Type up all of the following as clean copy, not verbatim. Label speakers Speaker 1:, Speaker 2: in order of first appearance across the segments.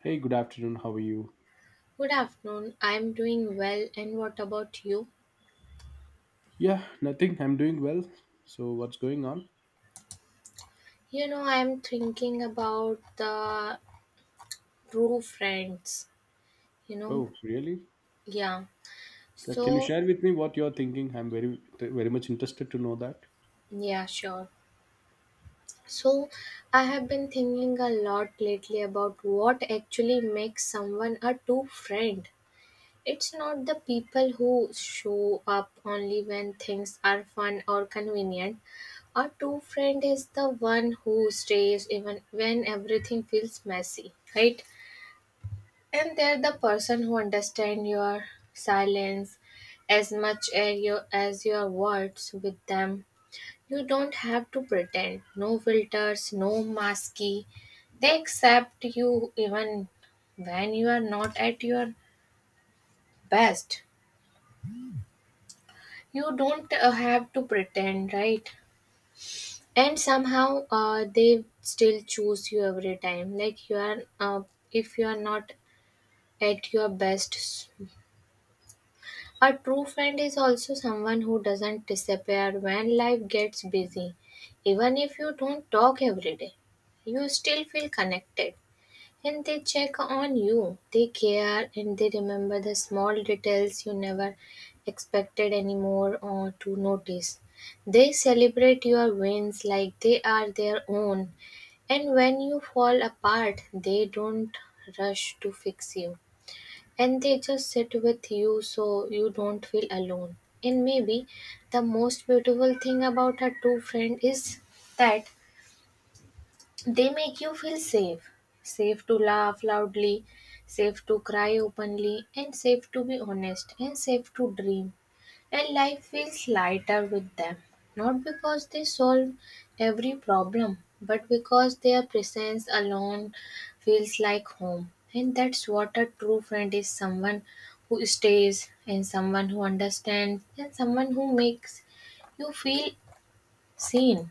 Speaker 1: Hey, good afternoon. How are you?
Speaker 2: Good afternoon. I'm doing well, and what about you?
Speaker 1: Yeah, nothing. I'm doing well. So, what's going on?
Speaker 2: You know, I'm thinking about the true friends, you know?
Speaker 1: Oh, really?
Speaker 2: Yeah.
Speaker 1: Can you
Speaker 2: So,
Speaker 1: share with me what you're thinking? I'm very, very much interested to know that.
Speaker 2: yeah, sure. So, I have been thinking a lot lately about what actually makes someone a true friend. It's not the people who show up only when things are fun or convenient. A true friend is the one who stays even when everything feels messy, right? And they're the person who understand your silence as much as as your words with them. You don't have to pretend. No filters, no masky. They accept you even when you are not at your best. You don't have to pretend, right, and somehow they still choose you every time, like you are if you are not at your best. A true friend is also someone who doesn't disappear when life gets busy. Even if you don't talk every day, you still feel connected. And they check on you. They care and they remember the small details you never expected anymore or to notice. They celebrate your wins like they are their own. And when you fall apart, they don't rush to fix you. And they just sit with you so you don't feel alone. And maybe the most beautiful thing about a true friend is that they make you feel safe. Safe to laugh loudly, safe to cry openly, and safe to be honest, and safe to dream. And life feels lighter with them. Not because they solve every problem, but because their presence alone feels like home. And that's what a true friend is: someone who stays, and someone who understands, and someone who makes you feel seen.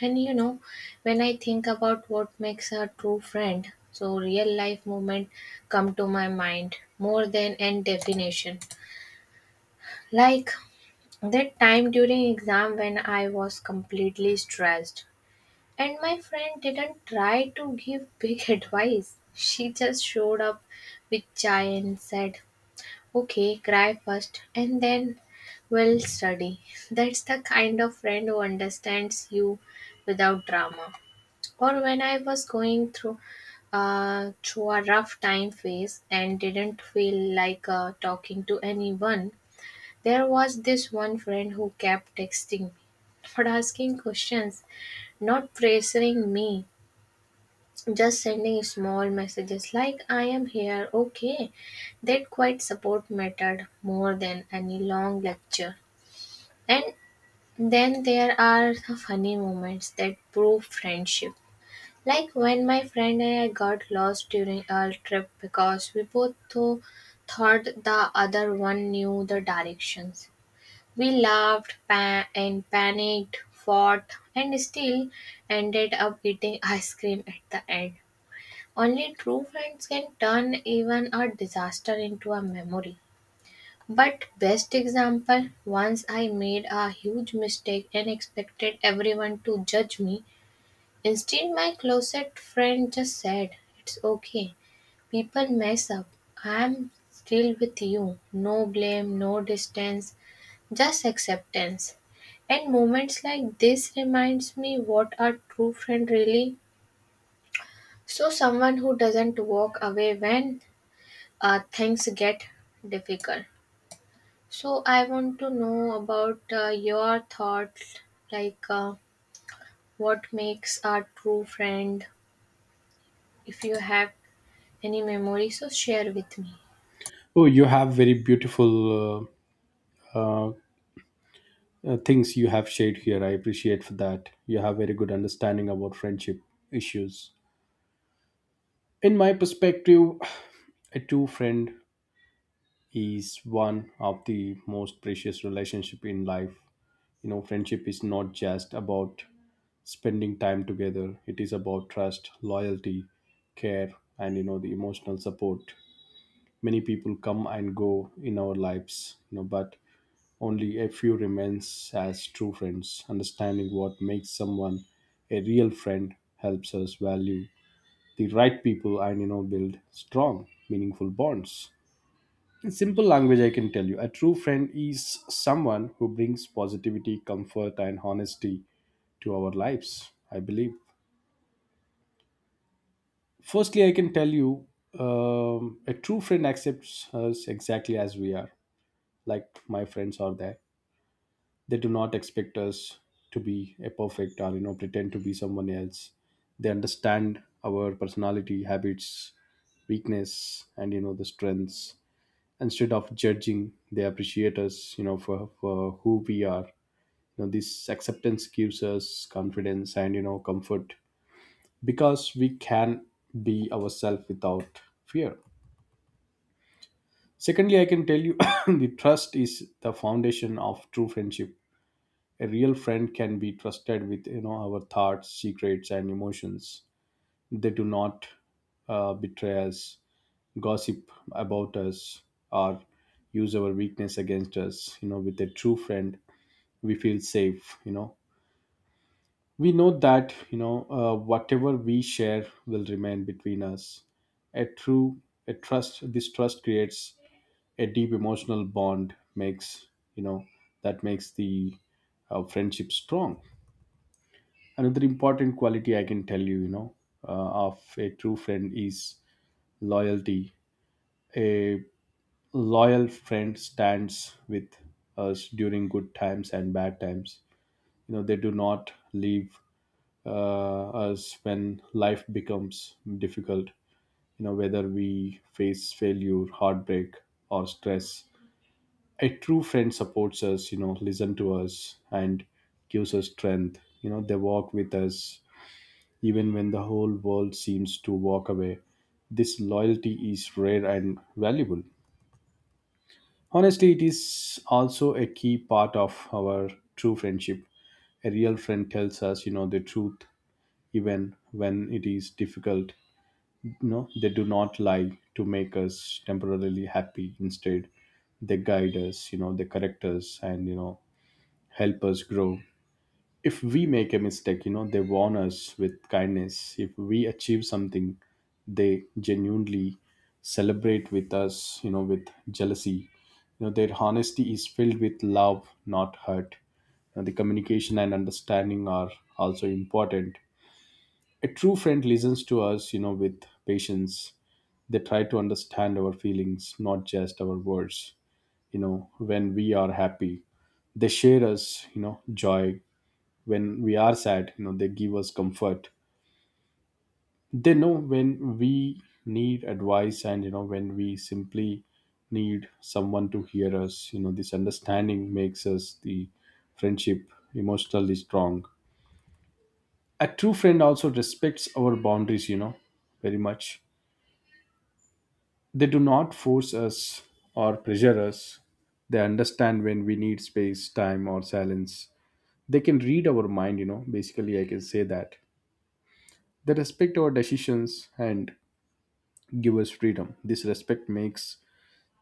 Speaker 2: And when I think about what makes a true friend, so real life movement come to my mind more than any definition. Like that time during exam when I was completely stressed and my friend didn't try to give big advice. She just showed up with chai and said, "Okay, cry first and then we'll study." That's the kind of friend who understands you without drama. Or when I was going through a rough time phase and didn't feel like talking to anyone, there was this one friend who kept texting me, not asking questions, not pressuring me, just sending small messages like "I am here, okay." That quiet support mattered more than any long lecture. And then there are the funny moments that prove friendship. Like when my friend and I got lost during our trip because we both thought the other one knew the directions. We laughed and panicked, fought, and still ended up eating ice cream at the end. Only true friends can turn even a disaster into a memory. But best example, once I made a huge mistake and expected everyone to judge me. Instead, my closet friend just said, "It's okay. People mess up. I'm still with you. No blame, no distance, just acceptance." And moments like this reminds me what a true friend really. So someone who doesn't walk away when things get difficult. So I want to know about your thoughts, like, what makes a true friend, if you have any memories? So share with me.
Speaker 1: Oh, you have very beautiful uh, uh, things you have shared here. I appreciate for that. You have very good understanding about friendship issues. In my perspective, a true friend is one of the most precious relationship in life. You know, friendship is not just about spending time together, it is about trust, loyalty, care, and you know, the emotional support. Many people come and go in our lives, you know, but only a few remains as true friends. Understanding what makes someone a real friend helps us value the right people and, you know, build strong meaningful bonds. In simple language, I can tell you a true friend is someone who brings positivity, comfort, and honesty to our lives. I believe, firstly, I can tell you a true friend accepts us exactly as we are, like my friends are there. They do not expect us to be a perfect or, you know, pretend to be someone else. They understand our personality, habits, weakness, and you know, the strengths. Instead of judging, they appreciate us, you know, for who we are. You know, this acceptance gives us confidence and, you know, comfort, because we can be ourselves without fear. Secondly, I can tell you the trust is the foundation of true friendship. A real friend can be trusted with, you know, our thoughts, secrets, and emotions. They do not betray us, gossip about us, or use our weakness against us. You know, with a true friend, we feel safe. You know, we know that, you know, whatever we share will remain between us. A true a trust. This trust creates a deep emotional bond, makes, you know, that makes the friendship strong. Another important quality I can tell you, you know, of a true friend is loyalty. A loyal friend stands with us during good times and bad times. You know, they do not leave us when life becomes difficult. You know, whether we face failure, heartbreak, or stress, a true friend supports us, you know, listen to us, and gives us strength. You know, they walk with us even when the whole world seems to walk away. This loyalty is rare and valuable. Honestly, it is also a key part of our true friendship. A real friend tells us, you know, the truth even when it is difficult. You know, they do not lie to make us temporarily happy. Instead, they guide us, you know, they correct us, and you know, help us grow. If we make a mistake, you know, they warn us with kindness. If we achieve something, they genuinely celebrate with us, you know, with jealousy. You know, their honesty is filled with love, not hurt. And the communication and understanding are also important. A true friend listens to us, you know, with patience. They try to understand our feelings, not just our words. You know, when we are happy, they share us, you know, joy. When we are sad, you know, they give us comfort. They know when we need advice, and you know, when we simply need someone to hear us. You know, this understanding makes us the friendship emotionally strong. A true friend also respects our boundaries, you know, very much. They do not force us or pressure us. They understand when we need space, time, or silence. They can read our mind, you know, basically I can say that. They respect our decisions and give us freedom. This respect makes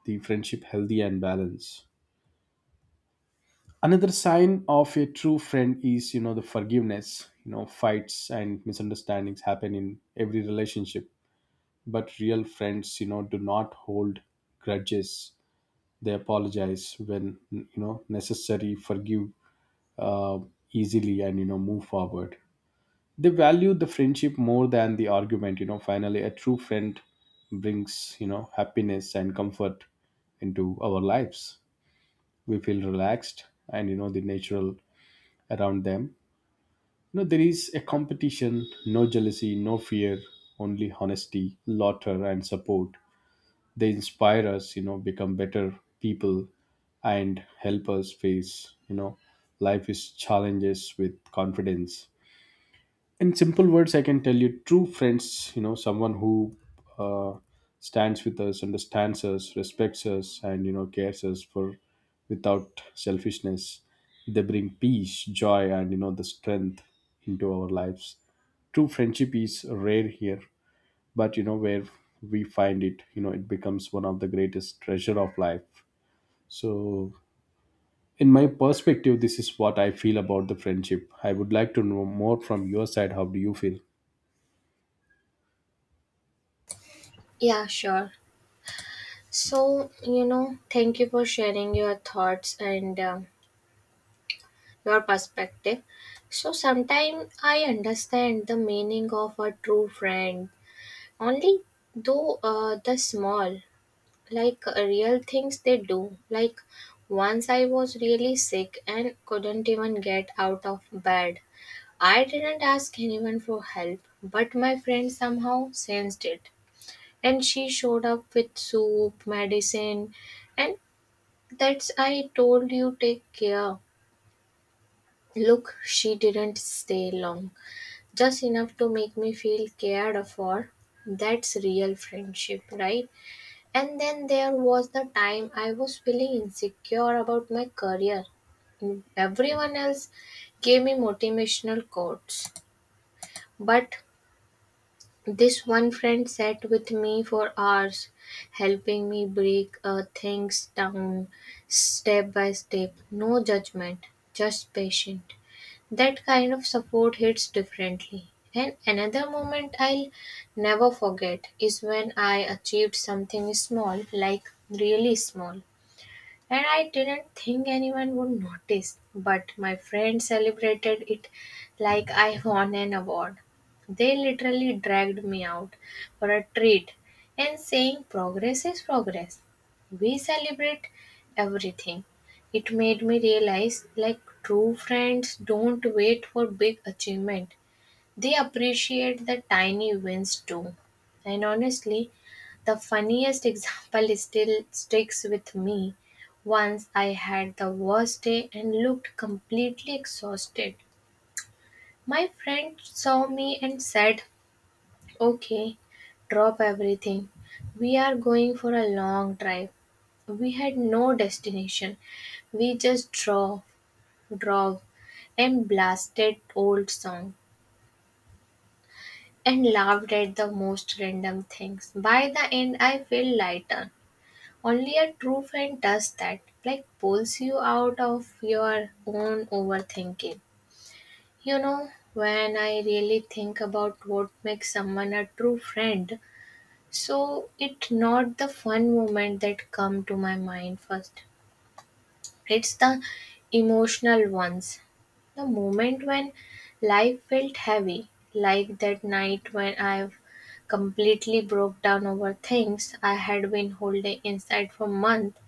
Speaker 1: the friendship healthy and balanced. Another sign of a true friend is, you know, the forgiveness. You know, fights and misunderstandings happen in every relationship, but real friends, you know, do not hold grudges. They apologize when, you know, necessary, forgive uh, easily, and you know, move forward. They value the friendship more than the argument. You know, finally, a true friend brings, you know, happiness and comfort into our lives. We feel relaxed and, you know, the natural around them. You know, there is a competition, no jealousy, no fear, only honesty, laughter, and support. They inspire us, you know, become better people, and help us face, you know, life's challenges with confidence. In simple words, I can tell you true friends, you know, someone who uh, stands with us, understands us, respects us, and you know, cares us for without selfishness. They bring peace, joy, and you know, the strength into our lives. True friendship is rare here, but you know, where we find it, you know, it becomes one of the greatest treasure of life. So, in my perspective, this is what I feel about the friendship. I would like to know more from your side. How do you feel?
Speaker 2: Yeah, sure. So, thank you for sharing your thoughts and your perspective. So, sometimes I understand the meaning of a true friend only though the small, like, real things they do. Like, once I was really sick and couldn't even get out of bed. I didn't ask anyone for help, but my friend somehow sensed it, and she showed up with soup medicine and that's, I told you, take care. Look, she didn't stay long, just enough to make me feel cared for. That's real friendship, right? And then there was the time I was feeling insecure about my career. Everyone else gave me motivational quotes, but this one friend sat with me for hours, helping me break things down step by step. No judgment, just patient. That kind of support hits differently. And another moment I'll never forget is when I achieved something small, like really small, and I didn't think anyone would notice, but my friends celebrated it like I won an award. They literally dragged me out for a treat and saying, "Progress is progress. We celebrate everything." It made me realize like true friends don't wait for big achievement. They appreciate the tiny wins too. And honestly, the funniest example is still sticks with me. Once I had the worst day and looked completely exhausted. My friend saw me and said, "Okay, drop everything. We are going for a long drive." We had no destination. We just drove, drove, and blasted old song, and laughed at the most random things. By the end, I feel lighter. Only a true friend does that, like pulls you out of your own overthinking. When I really think about what makes someone a true friend, so it's not the fun moment that come to my mind first. It's the emotional ones. The moment when life felt heavy, like that night when I completely broke down over things I had been holding inside for months.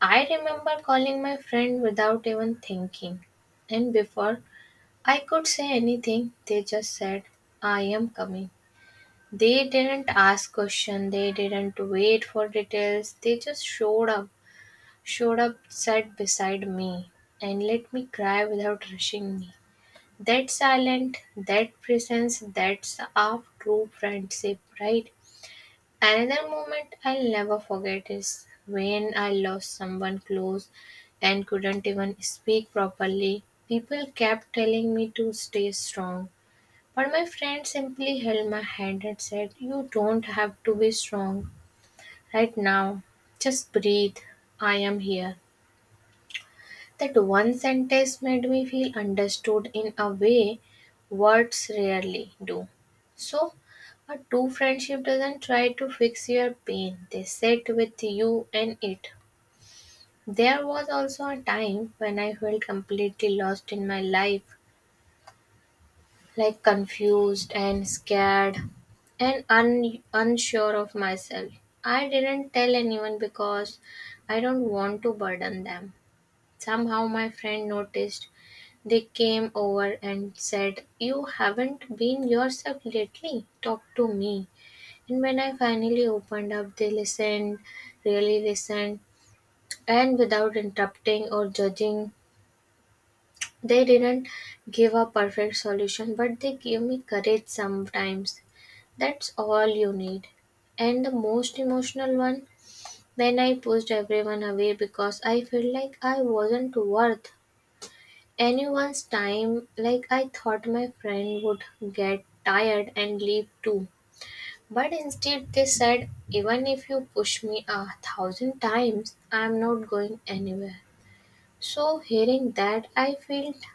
Speaker 2: I remember calling my friend without even thinking, and before I could say anything, they just said, "I am coming." They didn't ask questions, they didn't wait for details, they just showed up, sat beside me, and let me cry without rushing me. That silent, that presence, that's our true friendship, right? Another moment I'll never forget is when I lost someone close and couldn't even speak properly. People kept telling me to stay strong, but my friend simply held my hand and said, "You don't have to be strong right now. Just breathe. I am here." That one sentence made me feel understood in a way words rarely do. So, a true friendship doesn't try to fix your pain, they sit with you and it. There was also a time when I felt completely lost in my life, like confused and scared and unsure of myself. I didn't tell anyone because I don't want to burden them. Somehow my friend noticed. They came over and said, "You haven't been yourself lately. Talk to me." And when I finally opened up, they listened, really listened, and without interrupting or judging. They didn't give a perfect solution, but they gave me courage sometimes. That's all you need. And the most emotional one, when I pushed everyone away because I felt like I wasn't worth anyone's time. Like, I thought my friend would get tired and leave too. But instead they said, "Even if you push me a 1,000 times, I'm not going anywhere." So hearing that, I felt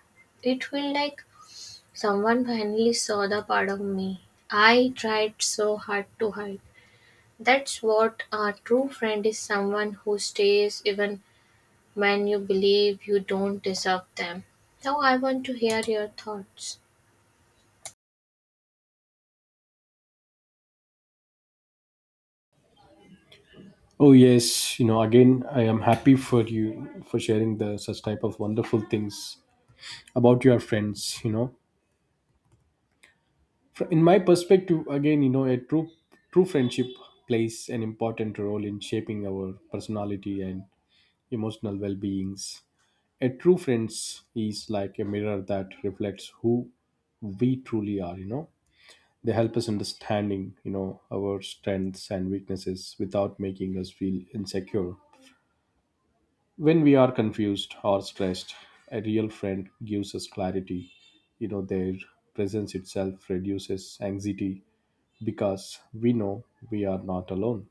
Speaker 2: it felt like someone finally saw the part of me I tried so hard to hide. That's what a true friend is: someone who stays even when you believe you don't deserve them. Now I want to hear your thoughts.
Speaker 1: Oh yes, you know, again, I am happy for you for sharing the such type of wonderful things about your friends. You know, in my perspective, again, you know, a true friendship plays an important role in shaping our personality and emotional well beings. A true friends is like a mirror that reflects who we truly are. You know, they help us understanding, you know, our strengths and weaknesses without making us feel insecure. When we are confused or stressed, a real friend gives us clarity. You know, their presence itself reduces anxiety, because we know we are not alone.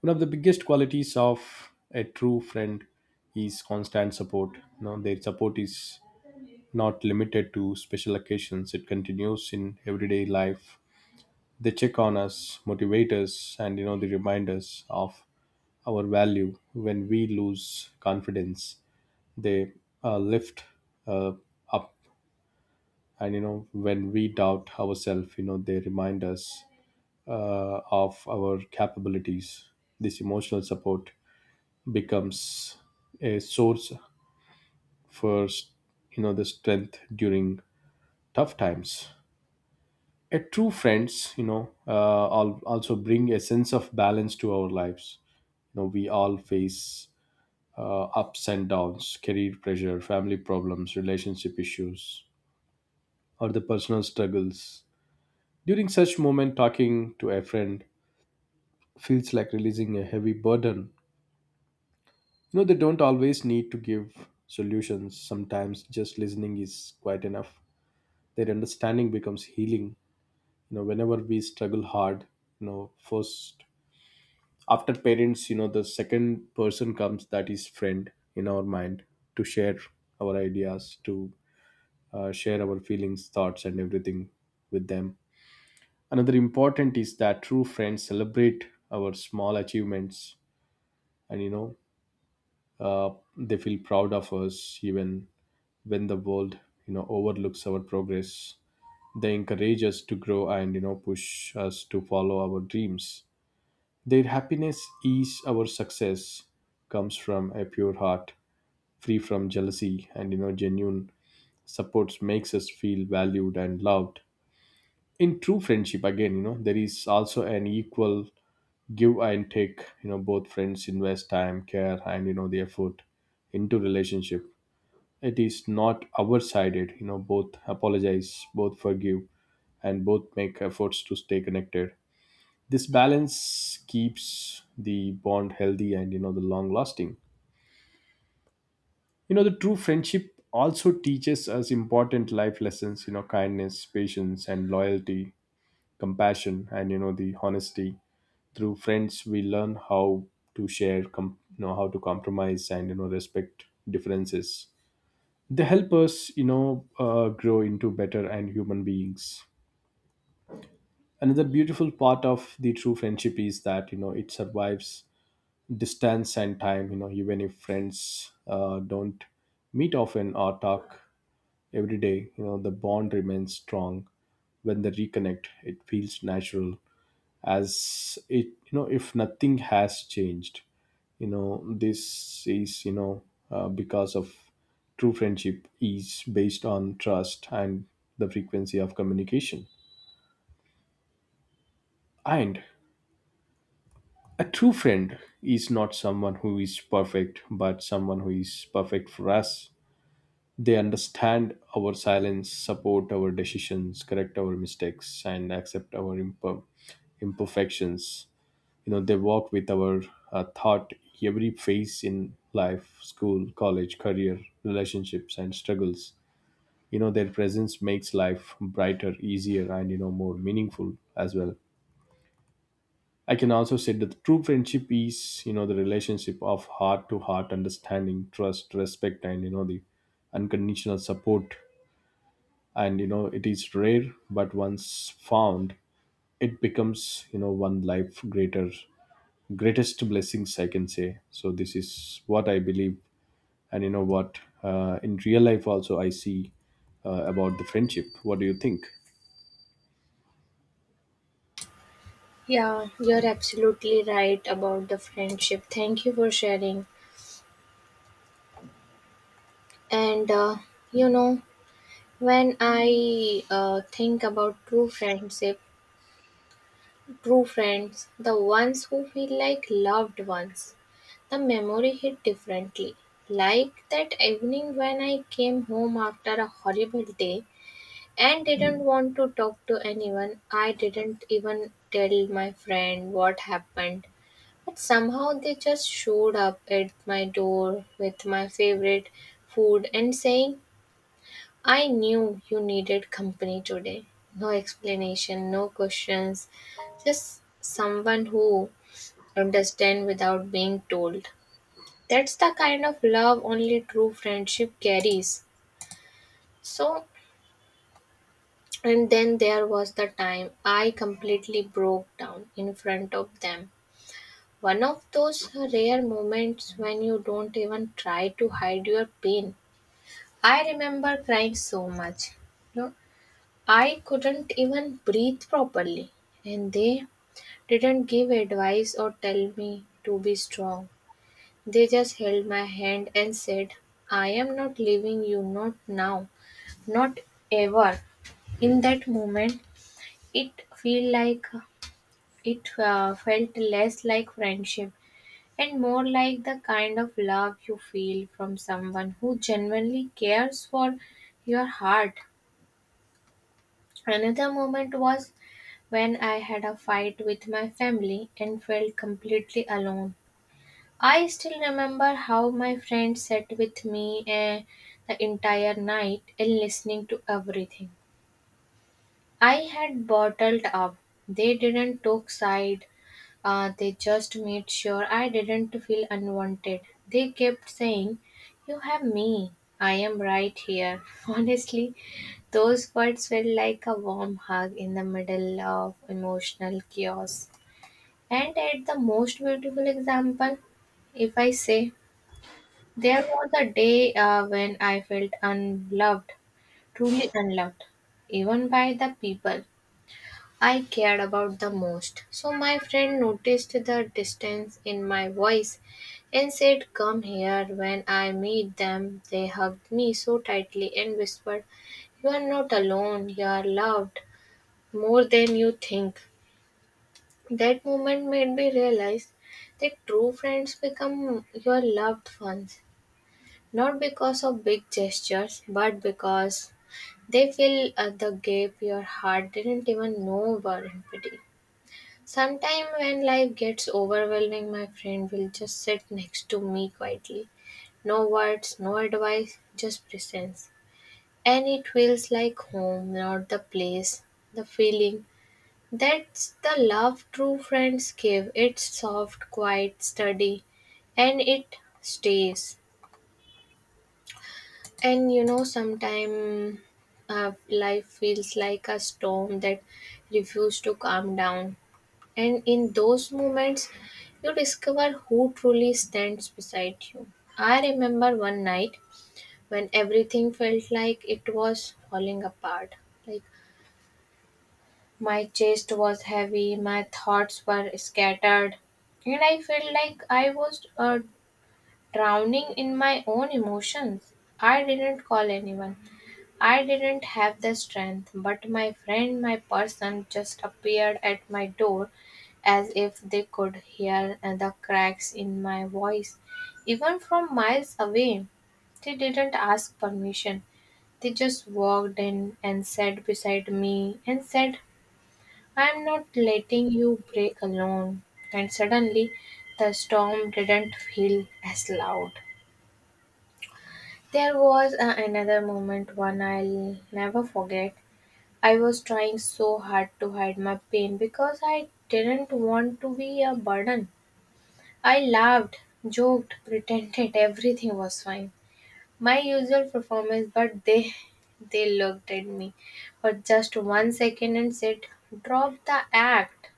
Speaker 1: One of the biggest qualities of a true friend is constant support. You know, their support is not limited to special occasions, it continues in everyday life. They check on us, motivate us, and you know, they remind us of our value when we lose confidence. They lift uh, up, and you know, when we doubt ourselves, you know, they remind us of our capabilities. This emotional support becomes a source for, you know, the strength during tough times. A true friends, you know, also bring a sense of balance to our lives. You know, we all face ups and downs, career pressure, family problems, relationship issues, or the personal struggles. During such moment, talking to a friend feels like releasing a heavy burden. You know, they don't always need to give solutions. Sometimes just listening is quite enough. Their understanding becomes healing. You know, whenever we struggle hard, you know, first, after parents, you know, the second person comes that is friend in our mind, to share our ideas, to share our feelings, thoughts, and everything with them. Another important is that true friends celebrate our small achievements, and you know, uh, they feel proud of us even when the world, you know, overlooks our progress. They encourage us to grow, and you know, push us to follow our dreams. Their happiness is our success, comes from a pure heart, free from jealousy, and you know, genuine supports makes us feel valued and loved. In true friendship, again, you know, there is also an equal give and take. You know, both friends invest time, care, and you know, the effort into relationship. It is not our sided. You know, both apologize, both forgive, and both make efforts to stay connected. This balance keeps the bond healthy and, you know, the long lasting. You know, the true friendship also teaches us important life lessons, you know, kindness, patience, and loyalty, compassion, and you know, the honesty. Through friends we learn how to you know, how to compromise, and you know, respect differences. They help us, you know, grow into better and human beings. Another beautiful part of the true friendship is that, you know, it survives distance and time. You know, even if friends don't meet often or talk every day, you know, the bond remains strong. When they reconnect, it feels natural, as it, you know, if nothing has changed. You know, this is, you know, because of true friendship is based on trust and the frequency of communication. And a true friend is not someone who is perfect, but someone who is perfect for us. They understand our silence, support our decisions, correct our mistakes, and accept our imperfections. You know, they walk with our thought every phase in life, school, college, career, relationships, and struggles. You know, their presence makes life brighter, easier, and you know, more meaningful as well. I can also say that the true friendship is, you know, the relationship of heart to heart understanding, trust, respect, and you know, the unconditional support. And you know, it is rare, but once found, it becomes, you know, one life greater greatest blessings, I can say. So this is what I believe, and you know what, in real life also I see about the friendship. What do you think?
Speaker 2: Yeah, you're absolutely right about the friendship. Thank you for sharing. And you know, when I think about true friendship, true friends, the ones who feel like loved ones, the memory hit differently. Like that evening when I came home after a horrible day and didn't want to talk to anyone, I didn't even tell my friend what happened. But somehow they just showed up at my door with my favorite food and saying, "I knew you needed company today." No explanation, no questions, just someone who understands without being told. That's the kind of love only true friendship carries. So, and then there was the time I completely broke down in front of them. One of those rare moments when you don't even try to hide your pain. I remember crying so much. No, I couldn't even breathe properly, and they didn't give advice or tell me to be strong. They just held my hand and said, "I am not leaving you, not now, not ever." In that moment, it feel like it felt less like friendship and more like the kind of love you feel from someone who genuinely cares for your heart. Another moment was when I had a fight with my family and felt completely alone. I still remember how my friend sat with me, the entire night, and listening to everything I had bottled up. They didn't talk side. They just made sure I didn't feel unwanted. They kept saying, "You have me. I am right here." Honestly, those words felt like a warm hug in the middle of emotional chaos. And at the most beautiful example, if I say, there was a day when I felt unloved, truly unloved, even by the people I cared about the most. So my friend noticed the distance in my voice and said, "Come here." When I meet them, they hugged me so tightly and whispered, "You are not alone, you are loved more than you think." That moment made me realize that true friends become your loved ones, not because of big gestures, but because they fill the gap your heart didn't even know were empty. Sometime when life gets overwhelming, my friend will just sit next to me quietly. No words, no advice, just presence. And it feels like home, not the place, the feeling. That's the love true friends give. It's soft, quiet, steady, and it stays. And you know, sometimes life feels like a storm that refuses to calm down. And in those moments, you discover who truly stands beside you. I remember one night when everything felt like it was falling apart. Like, my chest was heavy, my thoughts were scattered, and I felt like I was drowning in my own emotions. I didn't call anyone. I didn't have the strength, but my friend, my person, just appeared at my door as if they could hear the cracks in my voice, even from miles away. They didn't ask permission. They just walked in and sat beside me and said, "I'm not letting you break alone." And suddenly, the storm didn't feel as loud. There was another moment, one I'll never forget. I was trying so hard to hide my pain because I didn't want to be a burden. I laughed, joked, pretended everything was fine. My usual performance, but they looked at me for just 1 second and said, "Drop the act."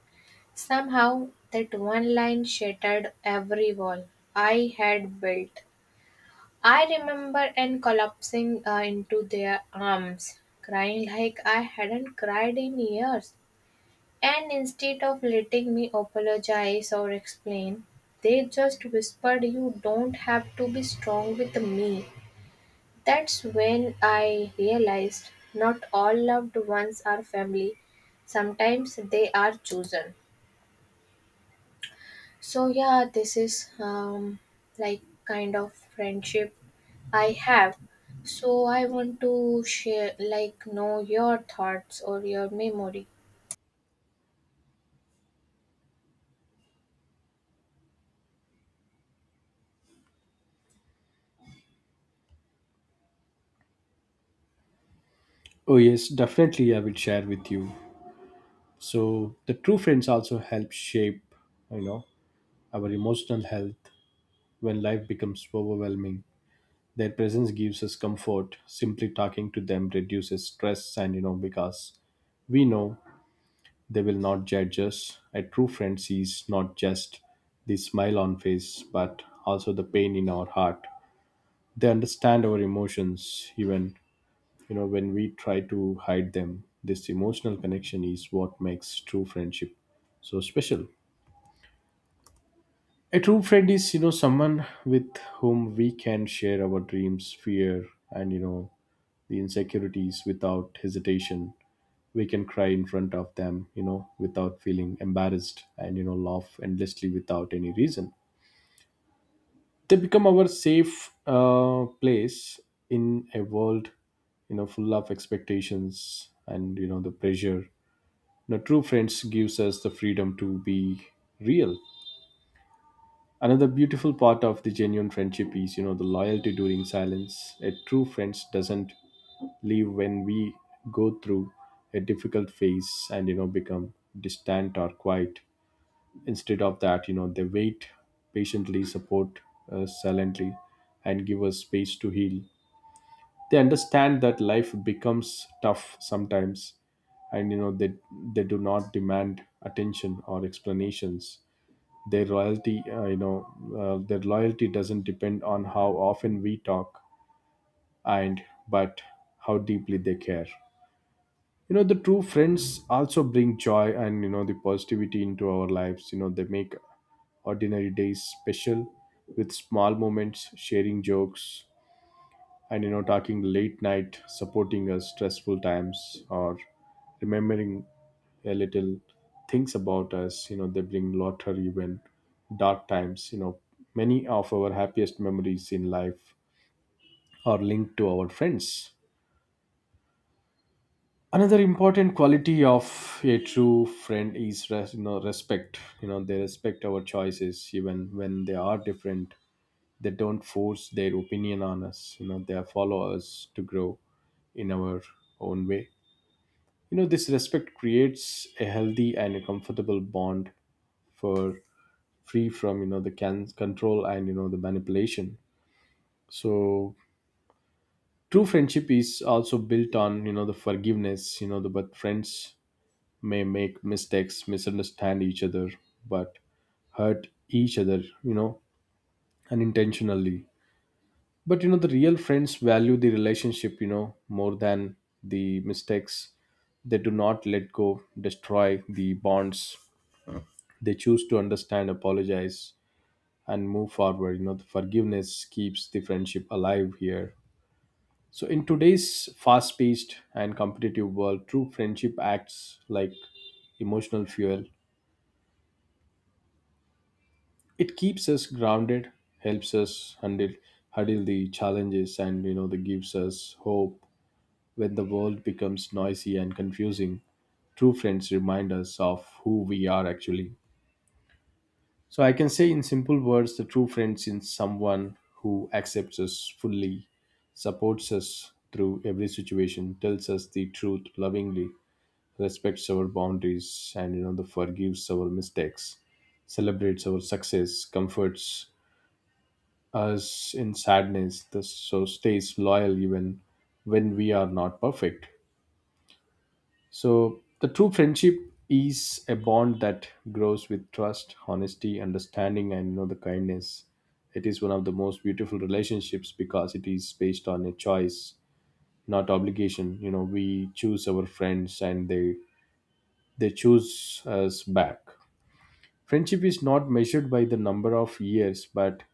Speaker 2: Somehow that one line shattered every wall I had built. I remember and collapsing into their arms, crying like I hadn't cried in years. And instead of letting me apologize or explain, they just whispered, "You don't have to be strong with me." That's when I realized not all loved ones are family, sometimes they are chosen. So, yeah, this is like kind of friendship I have. So, I want to share, like, know your thoughts or your memory.
Speaker 1: Oh yes, definitely I will share with you. So the true friends also help shape you know our emotional health when life becomes overwhelming. Their presence gives us comfort. Simply talking to them reduces stress, and because we know they will not judge us. A true friend sees not just the smile on face, but also the pain in our heart. They understand our emotions, even when we try to hide them. This emotional connection is what makes true friendship so special. A true friend is, someone with whom we can share our dreams, fear, and the insecurities without hesitation. We can cry in front of them, without feeling embarrassed, and laugh endlessly without any reason. They become our safe place in a world, full of expectations and the pressure. True friends gives us the freedom to be real. Another beautiful part of the genuine friendship is the loyalty during silence. A true friend doesn't leave when we go through a difficult phase and become distant or quiet. Instead of that, they wait patiently, support us silently, and give us space to heal. They understand that life becomes tough sometimes, and they do not demand attention or explanations. Their loyalty their loyalty doesn't depend on how often we talk, and but how deeply they care. The true friends also bring joy and the positivity into our lives. They make ordinary days special with small moments, sharing jokes, and talking late night, supporting us stressful times, or remembering a little things about us. They bring laughter even dark times. Many of our happiest memories in life are linked to our friends. Another important quality of a true friend is respect. They respect our choices even when they are different. They don't force their opinion on us. They follow us to grow in our own way. This respect creates a healthy and a comfortable bond, for free from control and the manipulation. So true friendship is also built on the forgiveness. But friends may make mistakes, misunderstand each other, but hurt each other unintentionally. But the real friends value the relationship more than the mistakes. They do not let go destroy the bonds. They choose to understand, apologize, and move forward. The forgiveness keeps the friendship alive here. So in today's fast paced and competitive world, true friendship acts like emotional fuel. It keeps us grounded, helps us handle the challenges, and that gives us hope. When the world becomes noisy and confusing, true friends remind us of who we are actually. So I can say in simple words, the true friend is someone who accepts us fully, supports us through every situation, tells us the truth lovingly, respects our boundaries, and you know the forgives our mistakes, celebrates our success, comforts us in sadness, thus so stays loyal even when we are not perfect. So, the true friendship is a bond that grows with trust, honesty, understanding, and you know the kindness. It is one of the most beautiful relationships because it is based on a choice, not obligation. We choose our friends, and they choose us back. Friendship is not measured by the number of years, but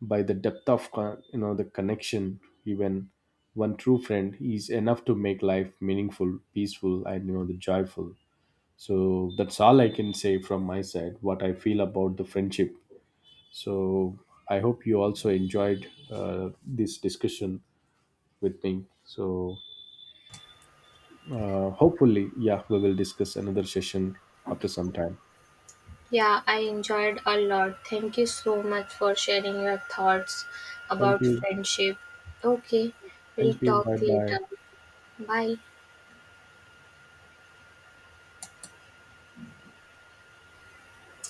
Speaker 1: by the depth of con- you know the connection. Even one true friend is enough to make life meaningful, peaceful, and you know the joyful. So that's all I can say from my side, what I feel about the friendship. So I hope you also enjoyed this discussion with me. So hopefully, yeah, we will discuss another session after some time.
Speaker 2: Yeah, I enjoyed a lot. Thank you so much for sharing your thoughts
Speaker 1: Thank
Speaker 2: about
Speaker 1: you.
Speaker 2: friendship. Okay, we'll
Speaker 1: Thank you.
Speaker 2: talk
Speaker 1: Bye
Speaker 2: later.
Speaker 1: bye.
Speaker 2: Bye.